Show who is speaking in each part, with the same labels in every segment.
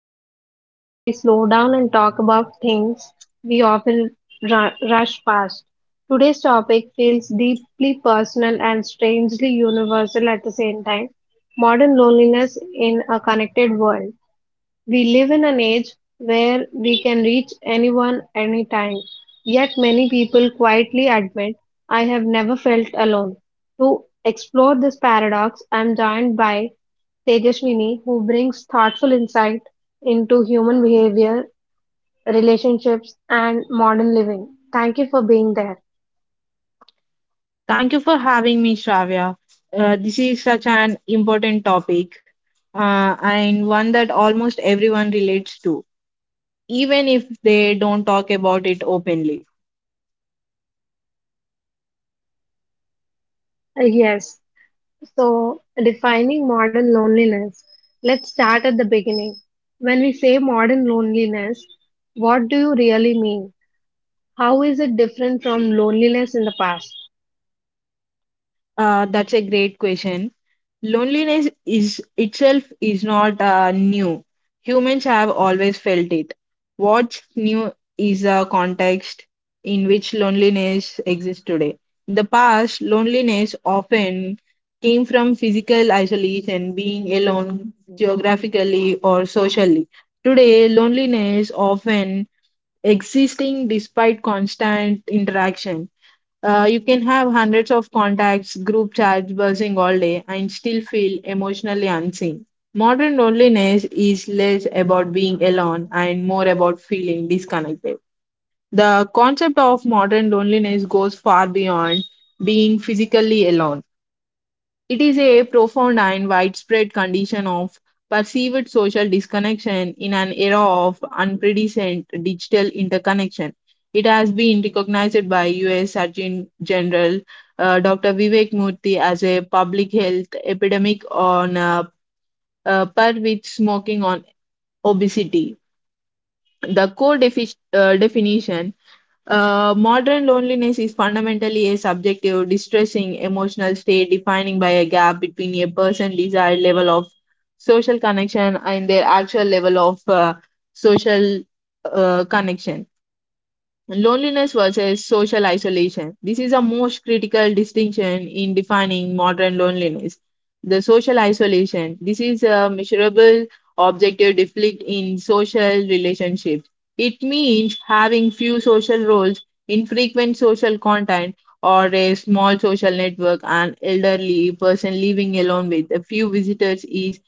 Speaker 1: the space where we slow down and talk about things we often rush past. Today's topic feels deeply personal and strangely universal at the same time, modern loneliness in a connected world. We live in an age where we can reach anyone anytime, yet many people quietly admit, I have never felt alone. To explore this paradox, I am joined by Tejaswini, who brings thoughtful insight into human behavior, relationships, and modern living. Thank you for being there.
Speaker 2: Thank you for having me, Shravya. This is such an important topic and one that almost everyone relates to, even if they don't talk about it openly.
Speaker 1: Yes. So, defining modern loneliness. Let's start at the beginning. When we say modern loneliness, what do you really mean? How is it different from loneliness in the past?
Speaker 2: That's a great question. Loneliness is itself is not new. Humans have always felt it. What's new is the context in which loneliness exists today. In the past, loneliness often came from physical isolation, being alone geographically or socially. Today, loneliness often existing despite constant interaction. You can have hundreds of contacts, group chats buzzing all day, and still feel emotionally unseen. Modern loneliness is less about being alone and more about feeling disconnected. The concept of modern loneliness goes far beyond being physically alone. It is a profound and widespread condition of perceived social disconnection in an era of unprecedented digital interconnection. It has been recognized by US Surgeon General Dr. Vivek Murthy as a public health epidemic on par with smoking on obesity. The core definition modern loneliness is fundamentally a subjective, distressing emotional state defining by a gap between a person's desired level of social connection and their actual level of social connection. Loneliness versus social isolation. This is a most critical distinction in defining modern loneliness. The social isolation. This is a measurable objective defect in social relationships. It means having few social roles, infrequent social contact, or a small social network. An elderly person living alone with a few visitors is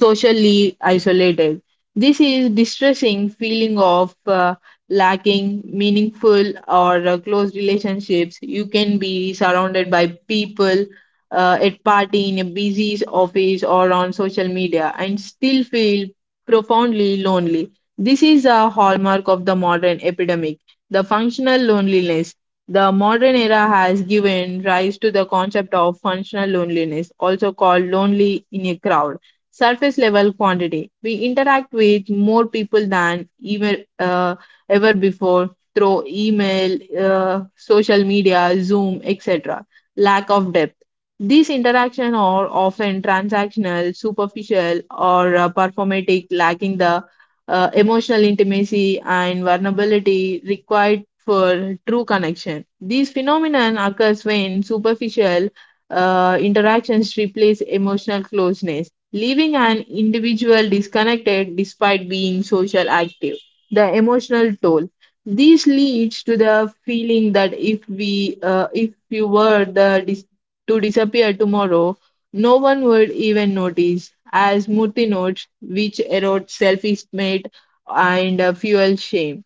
Speaker 2: socially isolated. This is distressing feeling of lacking meaningful or close relationships. You can be surrounded by people at party, in a busy office, or on social media, and still feel profoundly lonely. This is a hallmark of the modern epidemic, the functional loneliness. The modern era has given rise to the concept of functional loneliness, also called lonely in a crowd surface level quantity. We interact with more people than even ever before through email, social media, Zoom, etc. Lack of depth. These interactions are often transactional, superficial, or performatic, lacking the emotional intimacy and vulnerability required for true connection. These phenomenon occurs when superficial interactions replace emotional closeness, leaving an individual disconnected despite being social active the emotional toll. This leads to the feeling that if you were the to disappear tomorrow, no one would even notice. As Murthy notes, which erodes self-estimate and fuels shame.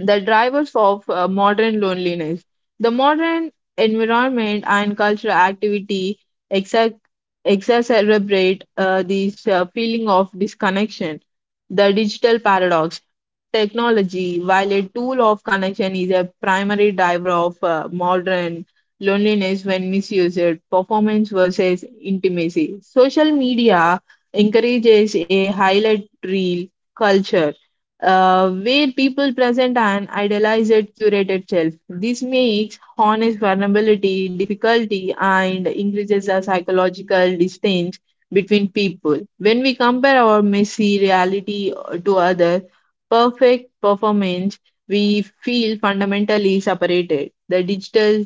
Speaker 2: The drivers of modern loneliness. The modern environment and cultural activity exac- exacerbate this feeling of disconnection. The digital paradox. Technology, while a tool of connection, is a primary driver of modern loneliness when misused, performance versus intimacy. Social media encourages a highlight reel culture where people present an idealized, curated self. This makes honest vulnerability difficulty and increases the psychological distance between people. When we compare our messy reality to others, perfect performance, we feel fundamentally separated. The digital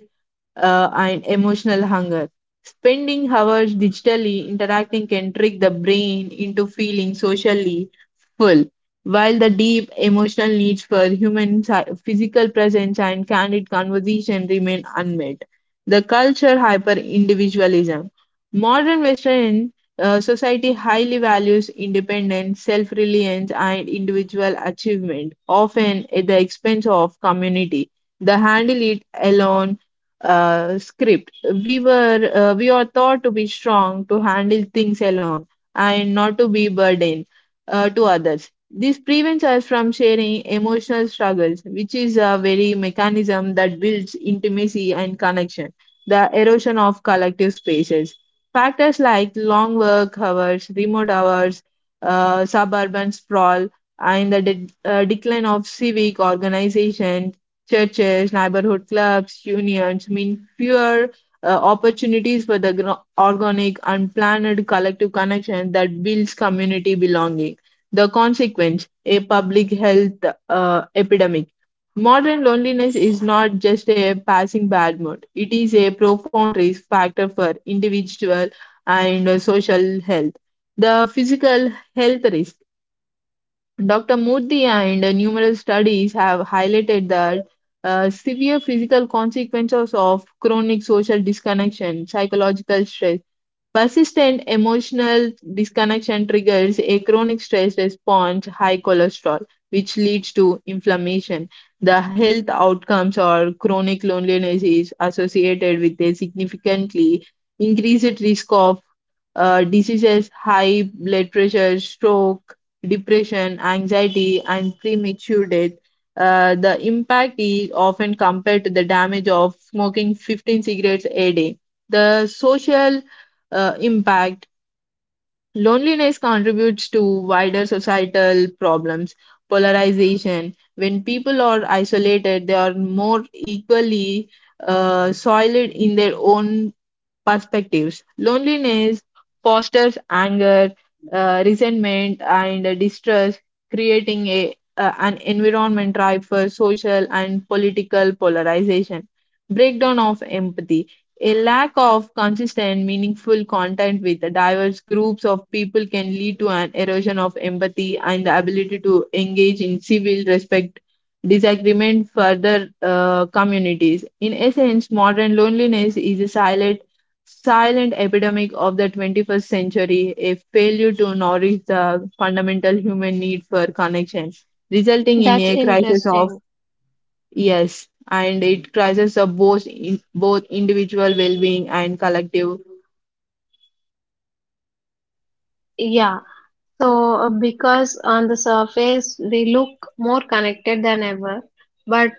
Speaker 2: and emotional hunger. Spending hours digitally interacting can trick the brain into feeling socially full, while the deep emotional needs for human physical presence and candid conversation remain unmet. The culture hyper individualism. Modern Western society highly values independence, self reliance, and individual achievement, often at the expense of community. The handle it alone script. We are taught to be strong, to handle things alone, and not to be burdened to others. This prevents us from sharing emotional struggles, which is a very mechanism that builds intimacy and connection, the erosion of collective spaces. Factors like long work hours, remote hours, suburban sprawl, and the decline of civic organizations, churches, neighborhood clubs, unions mean fewer uh, opportunities for the organic, unplanned collective connection that builds community belonging. The consequence a public health epidemic. Modern loneliness is not just a passing bad mood, it is a profound risk factor for individual and social health. The physical health risk. Dr. Murthy and numerous studies have highlighted that severe physical consequences of chronic social disconnection, psychological stress, Persistent emotional disconnection triggers a chronic stress response, high cholesterol, which leads to inflammation. The health outcomes or chronic loneliness is associated with a significantly increased risk of diseases, high blood pressure, stroke, depression, anxiety, and premature death. The impact is often compared to the damage of smoking 15 cigarettes a day. The social impact, loneliness contributes to wider societal problems, polarization. When people are isolated, they are more equally solid in their own perspectives. Loneliness fosters anger, resentment, and distrust, creating an environment ripe for social and political polarization. Breakdown of empathy. A lack of consistent, meaningful contact with diverse groups of people can lead to an erosion of empathy and the ability to engage in civil respect disagreement further communities. In essence, modern loneliness is a silent epidemic of the 21st century, a failure to nourish the fundamental human need for connection, resulting in
Speaker 1: That's
Speaker 2: a crisis of
Speaker 1: interesting.
Speaker 2: yes, and it crisis of both in, both individual well-being and collective.
Speaker 1: Yeah. So, because on the surface we look more connected than ever, but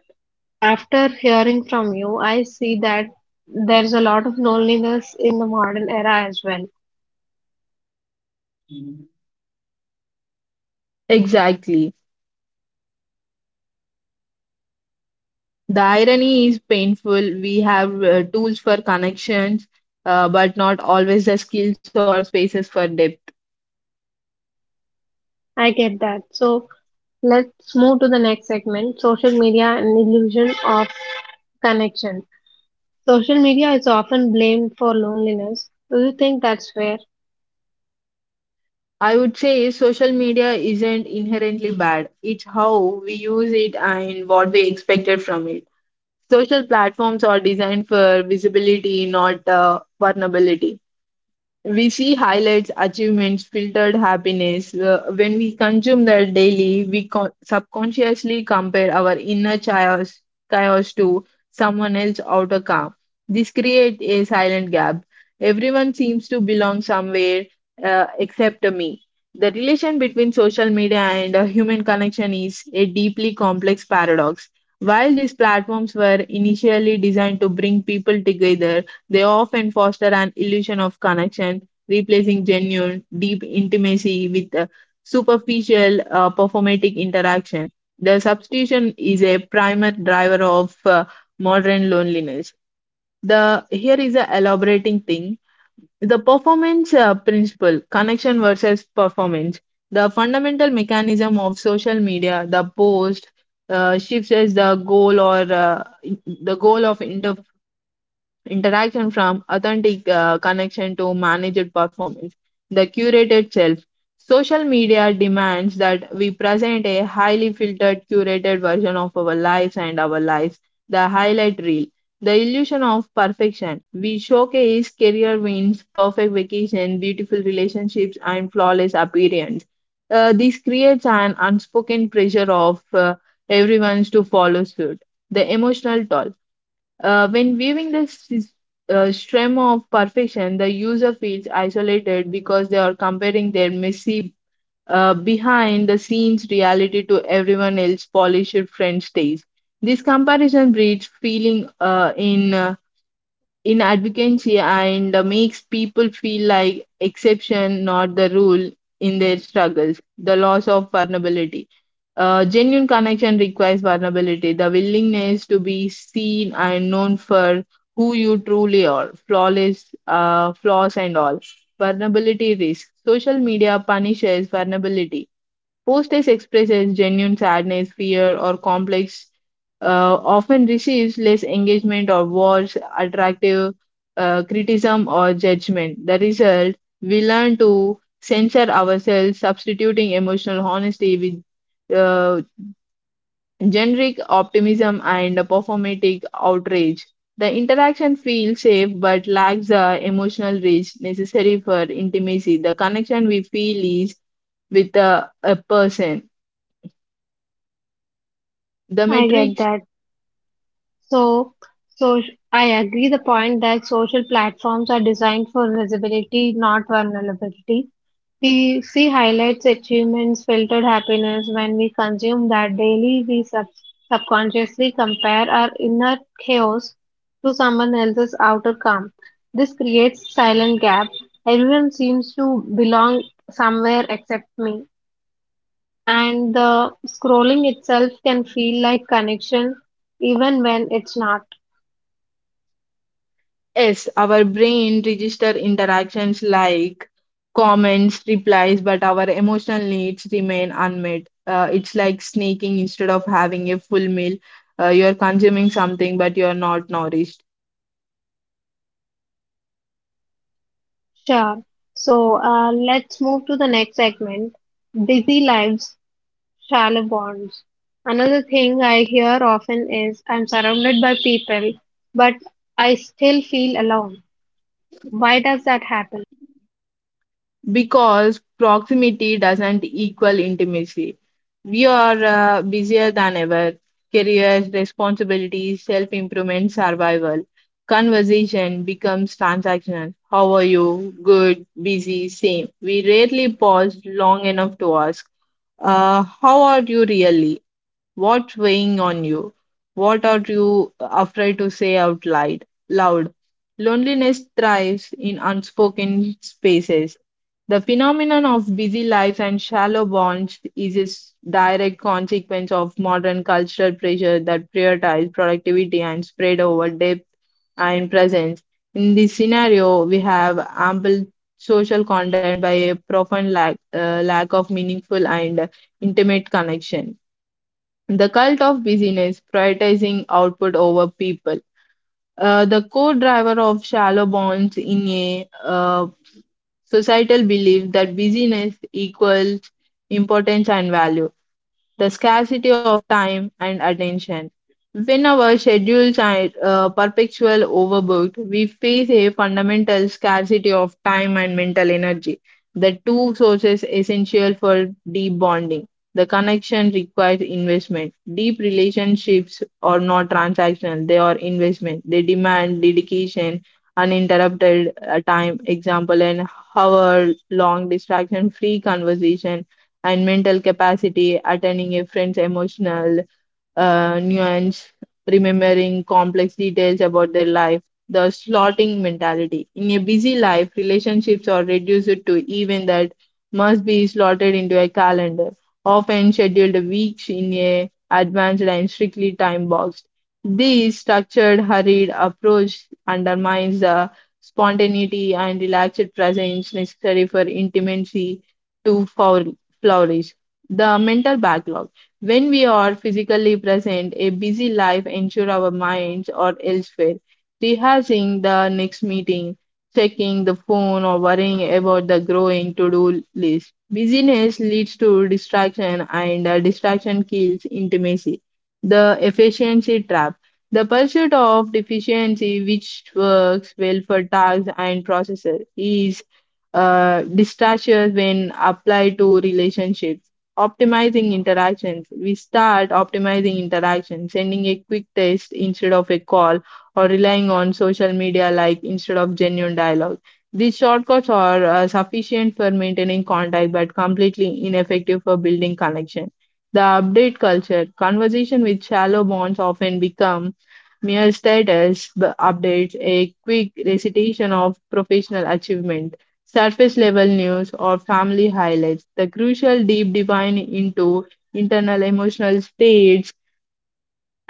Speaker 1: after hearing from you, I see that there's a lot of loneliness in the modern era as well.
Speaker 2: Exactly. The irony is painful. We have tools for connections, but not always the skills or spaces for depth.
Speaker 1: I get that. So, let's move to the next segment, social media and illusion of connection. Social media is often blamed for loneliness. Do you think that's fair?
Speaker 2: I would say social media isn't inherently bad. It's how we use it and what we expected from it. Social platforms are designed for visibility, not vulnerability. We see highlights, achievements, filtered happiness. When we consume that daily, we subconsciously compare our inner chaos to someone else's outer calm. This creates a silent gap. Everyone seems to belong somewhere except me. The relation between social media and human connection is a deeply complex paradox. While these platforms were initially designed to bring people together, they often foster an illusion of connection, replacing genuine, deep intimacy with a superficial, performatic interaction. The substitution is a primer driver of modern loneliness. The here is a elaborating thing. The performance principle, connection versus performance. The fundamental mechanism of social media, the post, shifts as the goal or the goal of inter- Interaction from authentic connection to managed performance, the curated self. Social media demands that we present a highly filtered, curated version of our lives, the highlight reel, the illusion of perfection. We showcase career wins, perfect vacation, beautiful relationships, and flawless appearance. This creates an unspoken pressure of everyone's to follow suit. The emotional toll when viewing the stream of perfection, the user feels isolated because they are comparing their messy behind the scenes reality to everyone else's polished French stage. This comparison breeds feeling in advocacy and makes people feel like exception, not the rule, in their struggles. The loss of vulnerability. Genuine connection requires vulnerability, the willingness to be seen and known for who you truly are, flaws and all. Vulnerability risk. Social media punishes vulnerability Postage expresses genuine sadness, fear, or complex, often receives less engagement or worse, attractive criticism or judgment. The result, we learn to censor ourselves, substituting emotional honesty with generic optimism and performative outrage. The interaction feels safe but lacks the emotional reach necessary for intimacy. The connection we feel is with a person The
Speaker 1: I get
Speaker 2: matrix
Speaker 1: that. So, I agree the point that social platforms are designed for visibility, not vulnerability. We see highlights, achievements, filtered happiness. When we consume that daily, we subconsciously compare our inner chaos to someone else's outer calm. This creates silent gap. Everyone seems to belong somewhere except me. And the scrolling itself can feel like connection even when it's not.
Speaker 2: S, our brain register interactions like comments, replies, but our emotional needs remain unmet. It's like snaking instead of having a full meal. You're consuming something, but you're not nourished.
Speaker 1: Sure. So let's move to the next segment, busy lives, shallow bonds. Another thing I hear often is I'm surrounded by people, but I still feel alone. Why does that happen?
Speaker 2: Because proximity doesn't equal intimacy. We are busier than ever. Careers, responsibilities, self improvement, survival. Conversation becomes transactional. How are you? Good, busy, same. We rarely pause long enough to ask, How are you really? What's weighing on you? What are you afraid to say out loud? Loneliness thrives in unspoken spaces. The phenomenon of busy lives and shallow bonds is a direct consequence of modern cultural pressure that prioritizes productivity and spread over depth and presence. In this scenario, we have ample social content by a profound lack of meaningful and intimate connection. The cult of busyness, prioritizing output over people. The core driver of shallow bonds in a societal belief that busyness equals importance and value the scarcity of time and attention. When our schedules are perpetual overbooked, we face a fundamental scarcity of time and mental energy, the two sources essential for deep bonding. The connection requires investment. Deep relationships are not transactional, they are investment. They demand dedication, uninterrupted time, example, and hour long distraction free conversation and mental capacity, attending a friend's emotional nuance, remembering complex details about their life, the slotting mentality. In a busy life, relationships are reduced to even that must be slotted into a calendar, often scheduled weeks in a advanced and strictly time boxed. This structured, hurried approach undermines the spontaneity and relaxed presence necessary for intimacy to flourish. The mental backlog. When we are physically present, a busy life ensures our minds are elsewhere, rehearsing the next meeting, checking the phone, or worrying about the growing to do list. Busyness leads to distraction, and distraction kills intimacy. The efficiency trap. The pursuit of efficiency, which works well for tasks and processes, is distractious when applied to relationships. Optimizing interactions. We start optimizing interactions, sending a quick text instead of a call, or relying on social media like instead of genuine dialogue. These shortcuts are sufficient for maintaining contact but completely ineffective for building connection. The update culture. Conversation with shallow bonds often become mere updates, a quick recitation of professional achievement, surface level news, or family highlights. The crucial deep divine into internal emotional states,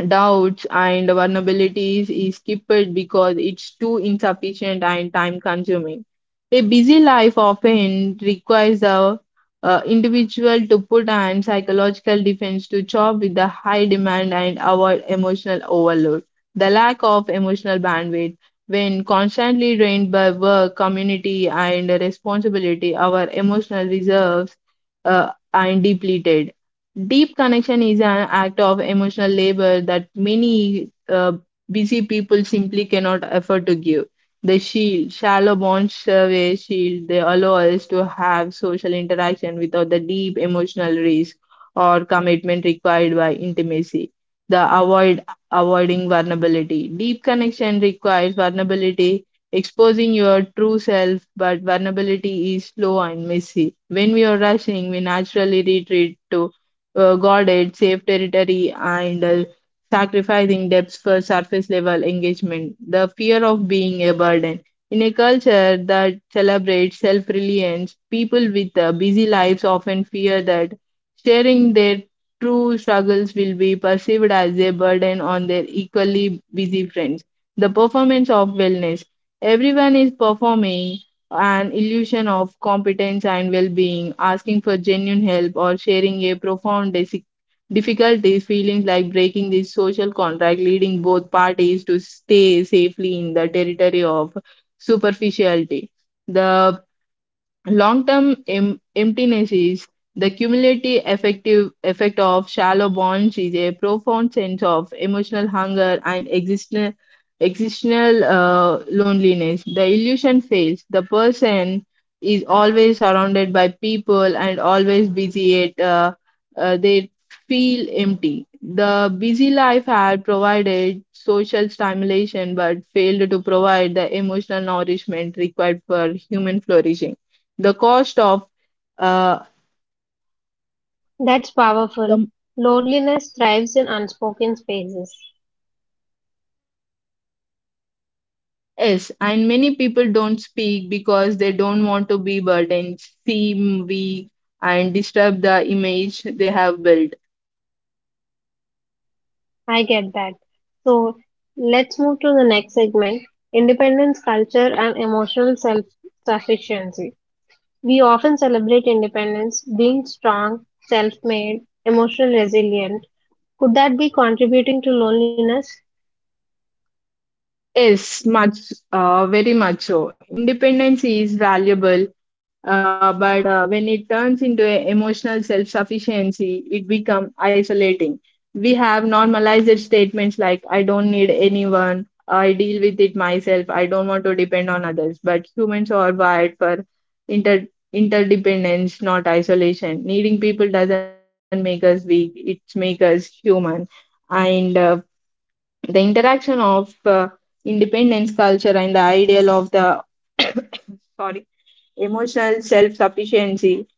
Speaker 2: doubts and vulnerabilities is skipped because it's too insufficient and time consuming. A busy life often requires the individual to put on psychological defense to cope with the high demand and avoid emotional overload. The lack of emotional bandwidth, when constantly drained by work, community, and responsibility, our emotional reserves are depleted. Deep connection is an act of emotional labor that many busy people simply cannot afford to give. They shield, shallow bonds serve a shield. They allow us to have social interaction without the deep emotional risk or commitment required by intimacy. The avoid avoiding vulnerability. Deep connection requires vulnerability, exposing your true self, but vulnerability is slow and messy. When we are rushing, we naturally retreat to guarded safe territory and sacrificing depths for surface level engagement, the fear of being a burden. In a culture that celebrates self reliance, people with busy lives often fear that sharing their true struggles will be perceived as a burden on their equally busy friends. The performance of wellness. Everyone is performing, an illusion of competence and well being, asking for genuine help, or sharing a difficulty, feelings like breaking this social contract, leading both parties to stay safely in the territory of superficiality. The long term emptiness is the cumulative effect of shallow bonds is a profound sense of emotional hunger and existential loneliness. The illusion fails. The person is always surrounded by people and always busy, yet they feel empty. The busy life had provided social stimulation but failed to provide the emotional nourishment required for human flourishing, the cost of uh,
Speaker 1: That's powerful.
Speaker 2: the
Speaker 1: Loneliness thrives in unspoken spaces.
Speaker 2: yes, and many people don't speak because they don't want to be burdened, seem weak, and disturb the image they have built.
Speaker 1: I get that. So let's move to the next segment, independence, culture, and emotional self sufficiency. We often celebrate independence, being strong, self made, emotionally resilient. Could that be contributing to loneliness?
Speaker 2: Yes, much, very much so. Independence is valuable, but when it turns into a emotional self sufficiency, it becomes isolating. We have normalized statements like, I don't need anyone, I deal with it myself, I don't want to depend on others. But humans are wired for inter- interdependence, not isolation. Needing people doesn't make us weak, it makes us human. And the interaction of independence culture and the ideal of the, sorry, emotional self-sufficiency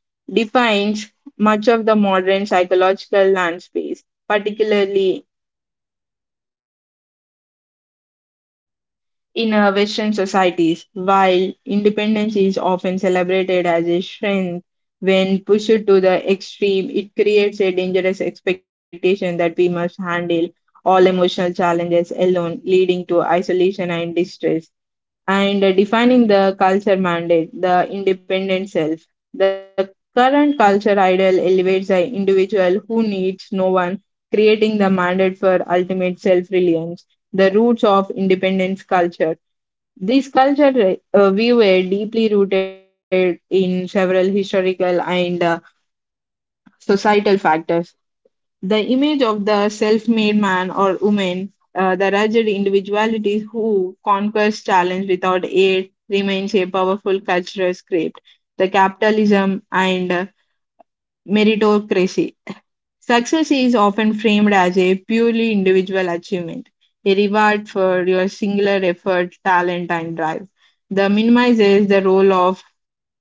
Speaker 2: defines much of the modern psychological landscape, particularly in western societies. While independence is often celebrated as a strength, when pushed to the extreme, it creates a dangerous expectation that we must handle all emotional challenges alone, leading to isolation and distress, and defining the culture mandate, the independent self. The current culture ideal elevates the individual who needs no one, creating the mandate for ultimate self reliance, the roots of independence culture. This culture, we were deeply rooted in several historical and societal factors, the image of the self made man or woman, the rugged individuality who conquers challenge without aid, remains a powerful cultural script. The capitalism and meritocracy. Success is often framed as a purely individual achievement, a reward for your singular effort, talent, and drive. The minimizes the role of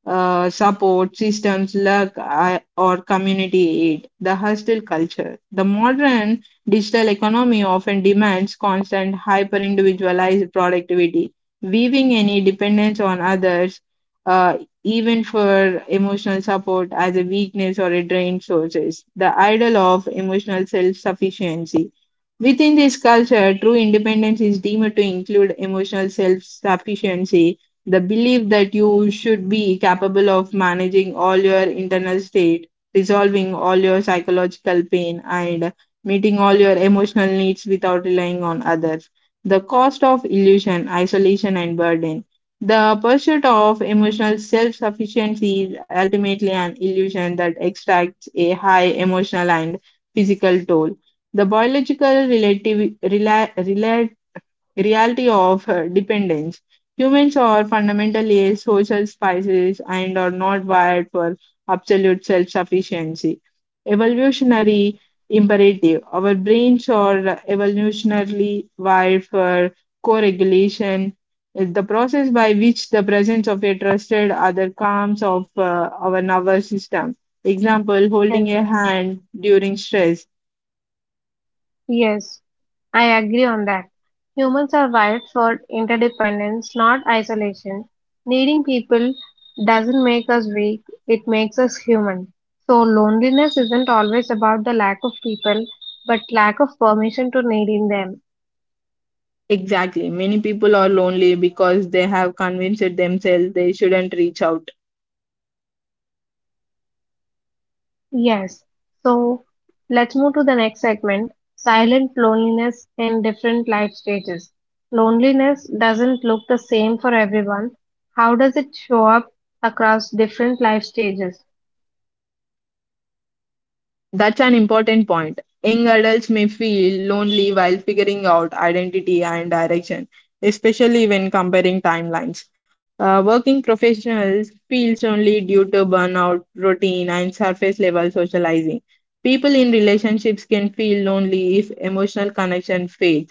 Speaker 2: support systems, luck, or community aid. The hostile culture. The modern digital economy often demands constant hyper individualized productivity, weaving any dependence on others, uh, even for emotional support, as a weakness or a drain sources. The idol of emotional self sufficiency. Within this culture, true independence is deemed to include emotional self sufficiency, the belief that you should be capable of managing all your internal state, resolving all your psychological pain, and meeting all your emotional needs without relying on others. The cost of illusion, isolation, and burden. The pursuit of emotional self sufficiency is ultimately an illusion that extracts a high emotional and physical toll, the biological reality of dependence. Humans are fundamentally a social species and are not wired for absolute self sufficiency. Evolutionary imperative. Our brains are evolutionarily wired for co regulation, the process by which the presence of a trusted other calms of our nervous system. Example, holding
Speaker 1: Yes,
Speaker 2: a hand during stress.
Speaker 1: yes, I agree on that. Humans are wired for interdependence, not isolation. Needing people doesn't make us weak, it makes us human. So, loneliness isn't always about the lack of people, but lack of permission to needing them.
Speaker 2: Exactly. Many people are lonely because they have convinced themselves they shouldn't reach out.
Speaker 1: Yes. So let's move to the next segment, silent loneliness in different life stages. Loneliness doesn't look the same for everyone. How does it show up across different life stages?
Speaker 2: That's an important point. Young adults may feel lonely while figuring out identity and direction, especially when comparing timelines. Working professionals feel lonely due to burnout, routine, and surface level socializing. People in relationships can feel lonely if emotional connection fades.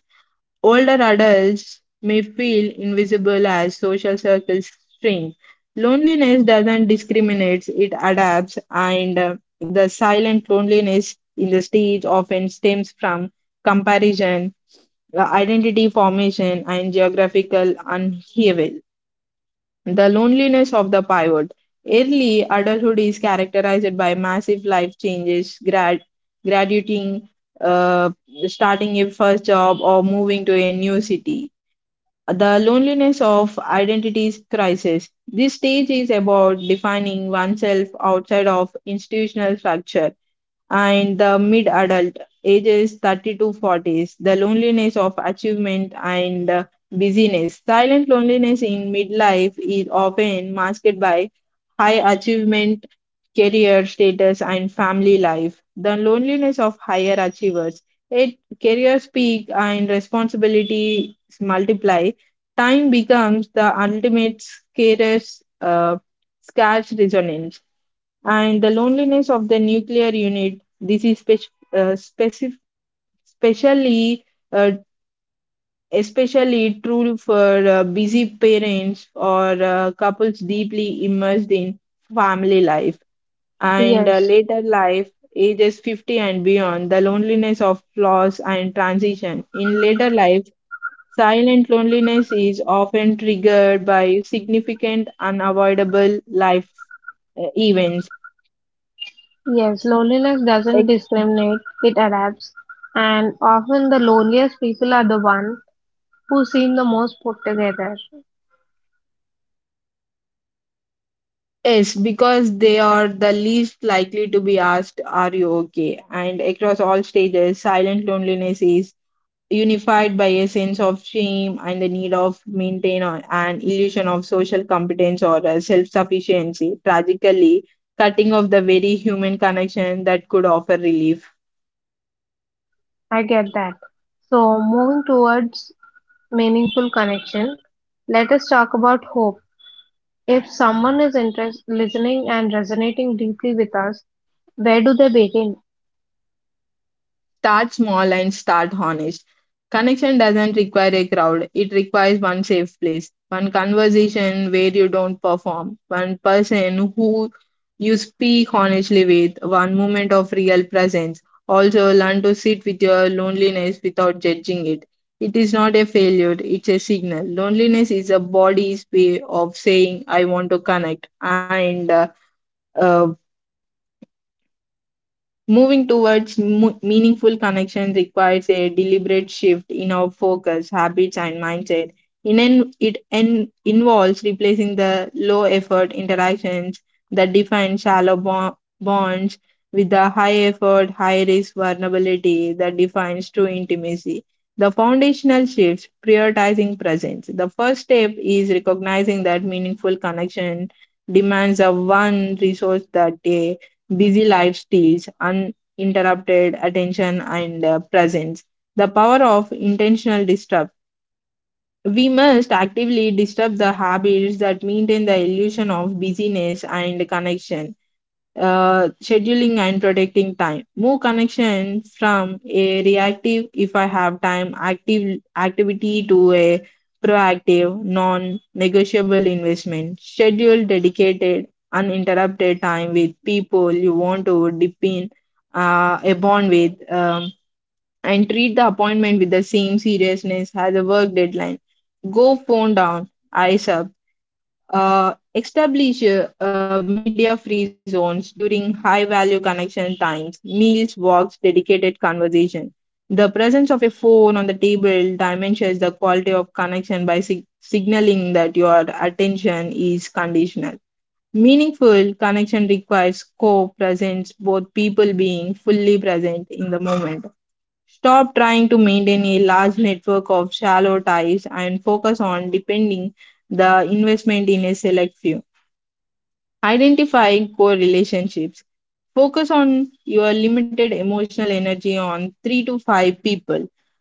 Speaker 2: Older adults may feel invisible as social circles shrink. Loneliness doesn't discriminate, it adapts, and the silent loneliness in the stage often stems from comparison, identity formation, and geographical unheaval. The loneliness of the pivot. Early adulthood is characterized by massive life changes, graduating, uh, starting a first job, or moving to a new city, the loneliness of identity crisis. This stage is about defining oneself outside of institutional structure. And the mid adult, ages 30 to 40s, the loneliness of achievement and busyness. Silent loneliness in midlife is often masked by high achievement, career status, and family life, the loneliness of higher achievers. It careers peak and responsibilities multiply, time becomes the ultimate scarce resource. And the loneliness of the nuclear unit. This is spec- specif- specially uh, especially true for busy parents or couples deeply immersed in family life. And
Speaker 1: Yes.
Speaker 2: later life, ages 50 and beyond, the loneliness of loss and transition in later life. Silent loneliness is often triggered by significant unavoidable life events.
Speaker 1: Yes. Loneliness doesn't discriminate, it adapts. And often the loneliest people are the one who seem the most put together.
Speaker 2: Yes, because they are the least likely to be asked, are you okay? And across all stages, silent loneliness is unified by a sense of shame and the need of an illusion of social competence or self sufficiency, tragically cutting off the very human connection that could offer relief.
Speaker 1: I get that. So moving towards meaningful connection, let us talk about hope. If someone is interest, listening and resonating deeply with us, where do they begin?
Speaker 2: Start small and start honest. Connection doesn't require a crowd, it requires one safe place, one conversation where you don't perform, one person who you speak honestly with, one moment of real presence. Also, learn to sit with your loneliness without judging it. It is not a failure, it's a signal. Loneliness is a body's way of saying, I want to connect. And uh, moving towards meaningful connection requires a deliberate shift in our focus, habits, and mindset. It involves replacing the low effort interactions that define bonds with the high effort, high risk vulnerability that defines true intimacy. The foundational shifts prioritizing presence. The first step is recognizing that meaningful connection demands a one resource that day busy life steals uninterrupted attention and presence. The power of intentional disrupt. We must actively disrupt the habits that maintain the illusion of busyness and connection, scheduling and protecting time. More connection from a reactive, if I have time, active activity to a proactive, non-negotiable investment. Schedule dedicated, uninterrupted time with people you want to deepen a bond with, and treat the appointment with the same seriousness as a work deadline. Go phone down, eyes up. Establish media free zones during high value connection times, meals, walks, dedicated conversation. The presence of a phone on the table diminishes the quality of connection by signaling that your attention is conditional. Meaningful connection requires co presence, both people being fully present in the moment. Stop trying to maintain a large network of shallow ties and focus on depending, the investment in a select few. Identify core relationships. Focus on your limited emotional energy on three to five people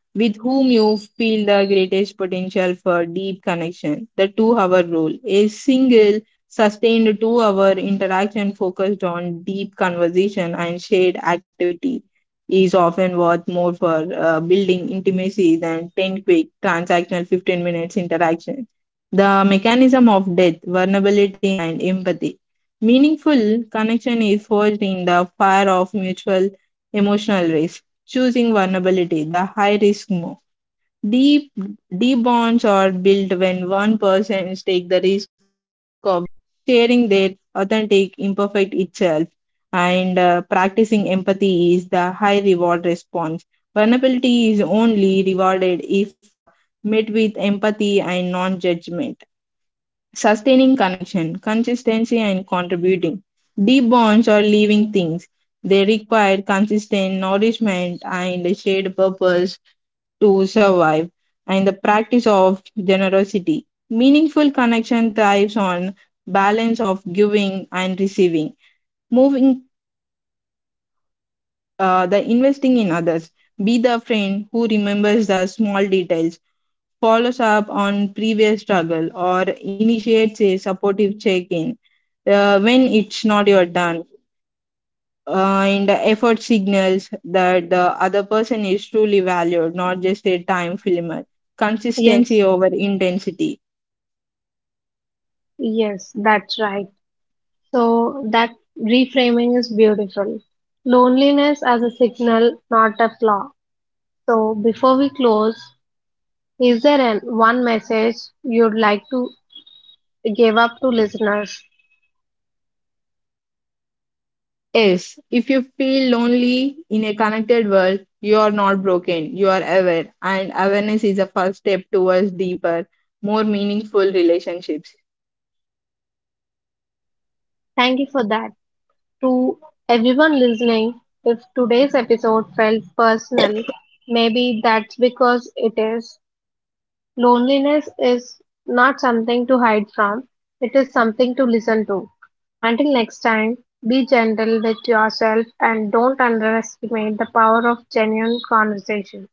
Speaker 2: with whom you feel the greatest potential for deep connection. The 2 hour rule. A single, sustained 2 hour interaction focused on deep conversation and shared activity is often worth more for building intimacy than 10 quick transactional 15 minutes interaction. The mechanism of depth, vulnerability, and empathy. Meaningful connection is forged in the fire of mutual emotional risk. Choosing vulnerability, the high risk move. Deep, Deep bonds are built when one person takes the risk of sharing their authentic, imperfect itself, and practicing empathy is the high reward response. Vulnerability is only rewarded if met with empathy and non judgment. Sustaining connection, consistency, and contributing. Deep bonds are living things. They require consistent nourishment and a shared purpose to survive, and the practice of generosity. Meaningful connection thrives on balance of giving and receiving. Moving the Investing in others. Be the friend who remembers the small details, follows up on previous struggle, or initiates a supportive check in when it's not your done. And the effort signals that the other person is truly valued, not just a time filler.
Speaker 1: Yes,
Speaker 2: Consistency over intensity.
Speaker 1: yes, that's right. So that reframing is beautiful. Loneliness as a signal, not a flaw. So before we close, is there an, one message you'd like to give up to listeners?
Speaker 2: Yes, if you feel lonely in a connected world, you are not broken, you are aware, and awareness is a first step towards deeper, more meaningful relationships.
Speaker 1: Thank you for that. To everyone listening, if today's episode felt personal, maybe that's because it is. Loneliness is not something to hide from, it is something to listen to. Until next time, be gentle with yourself and don't underestimate the power of genuine conversation.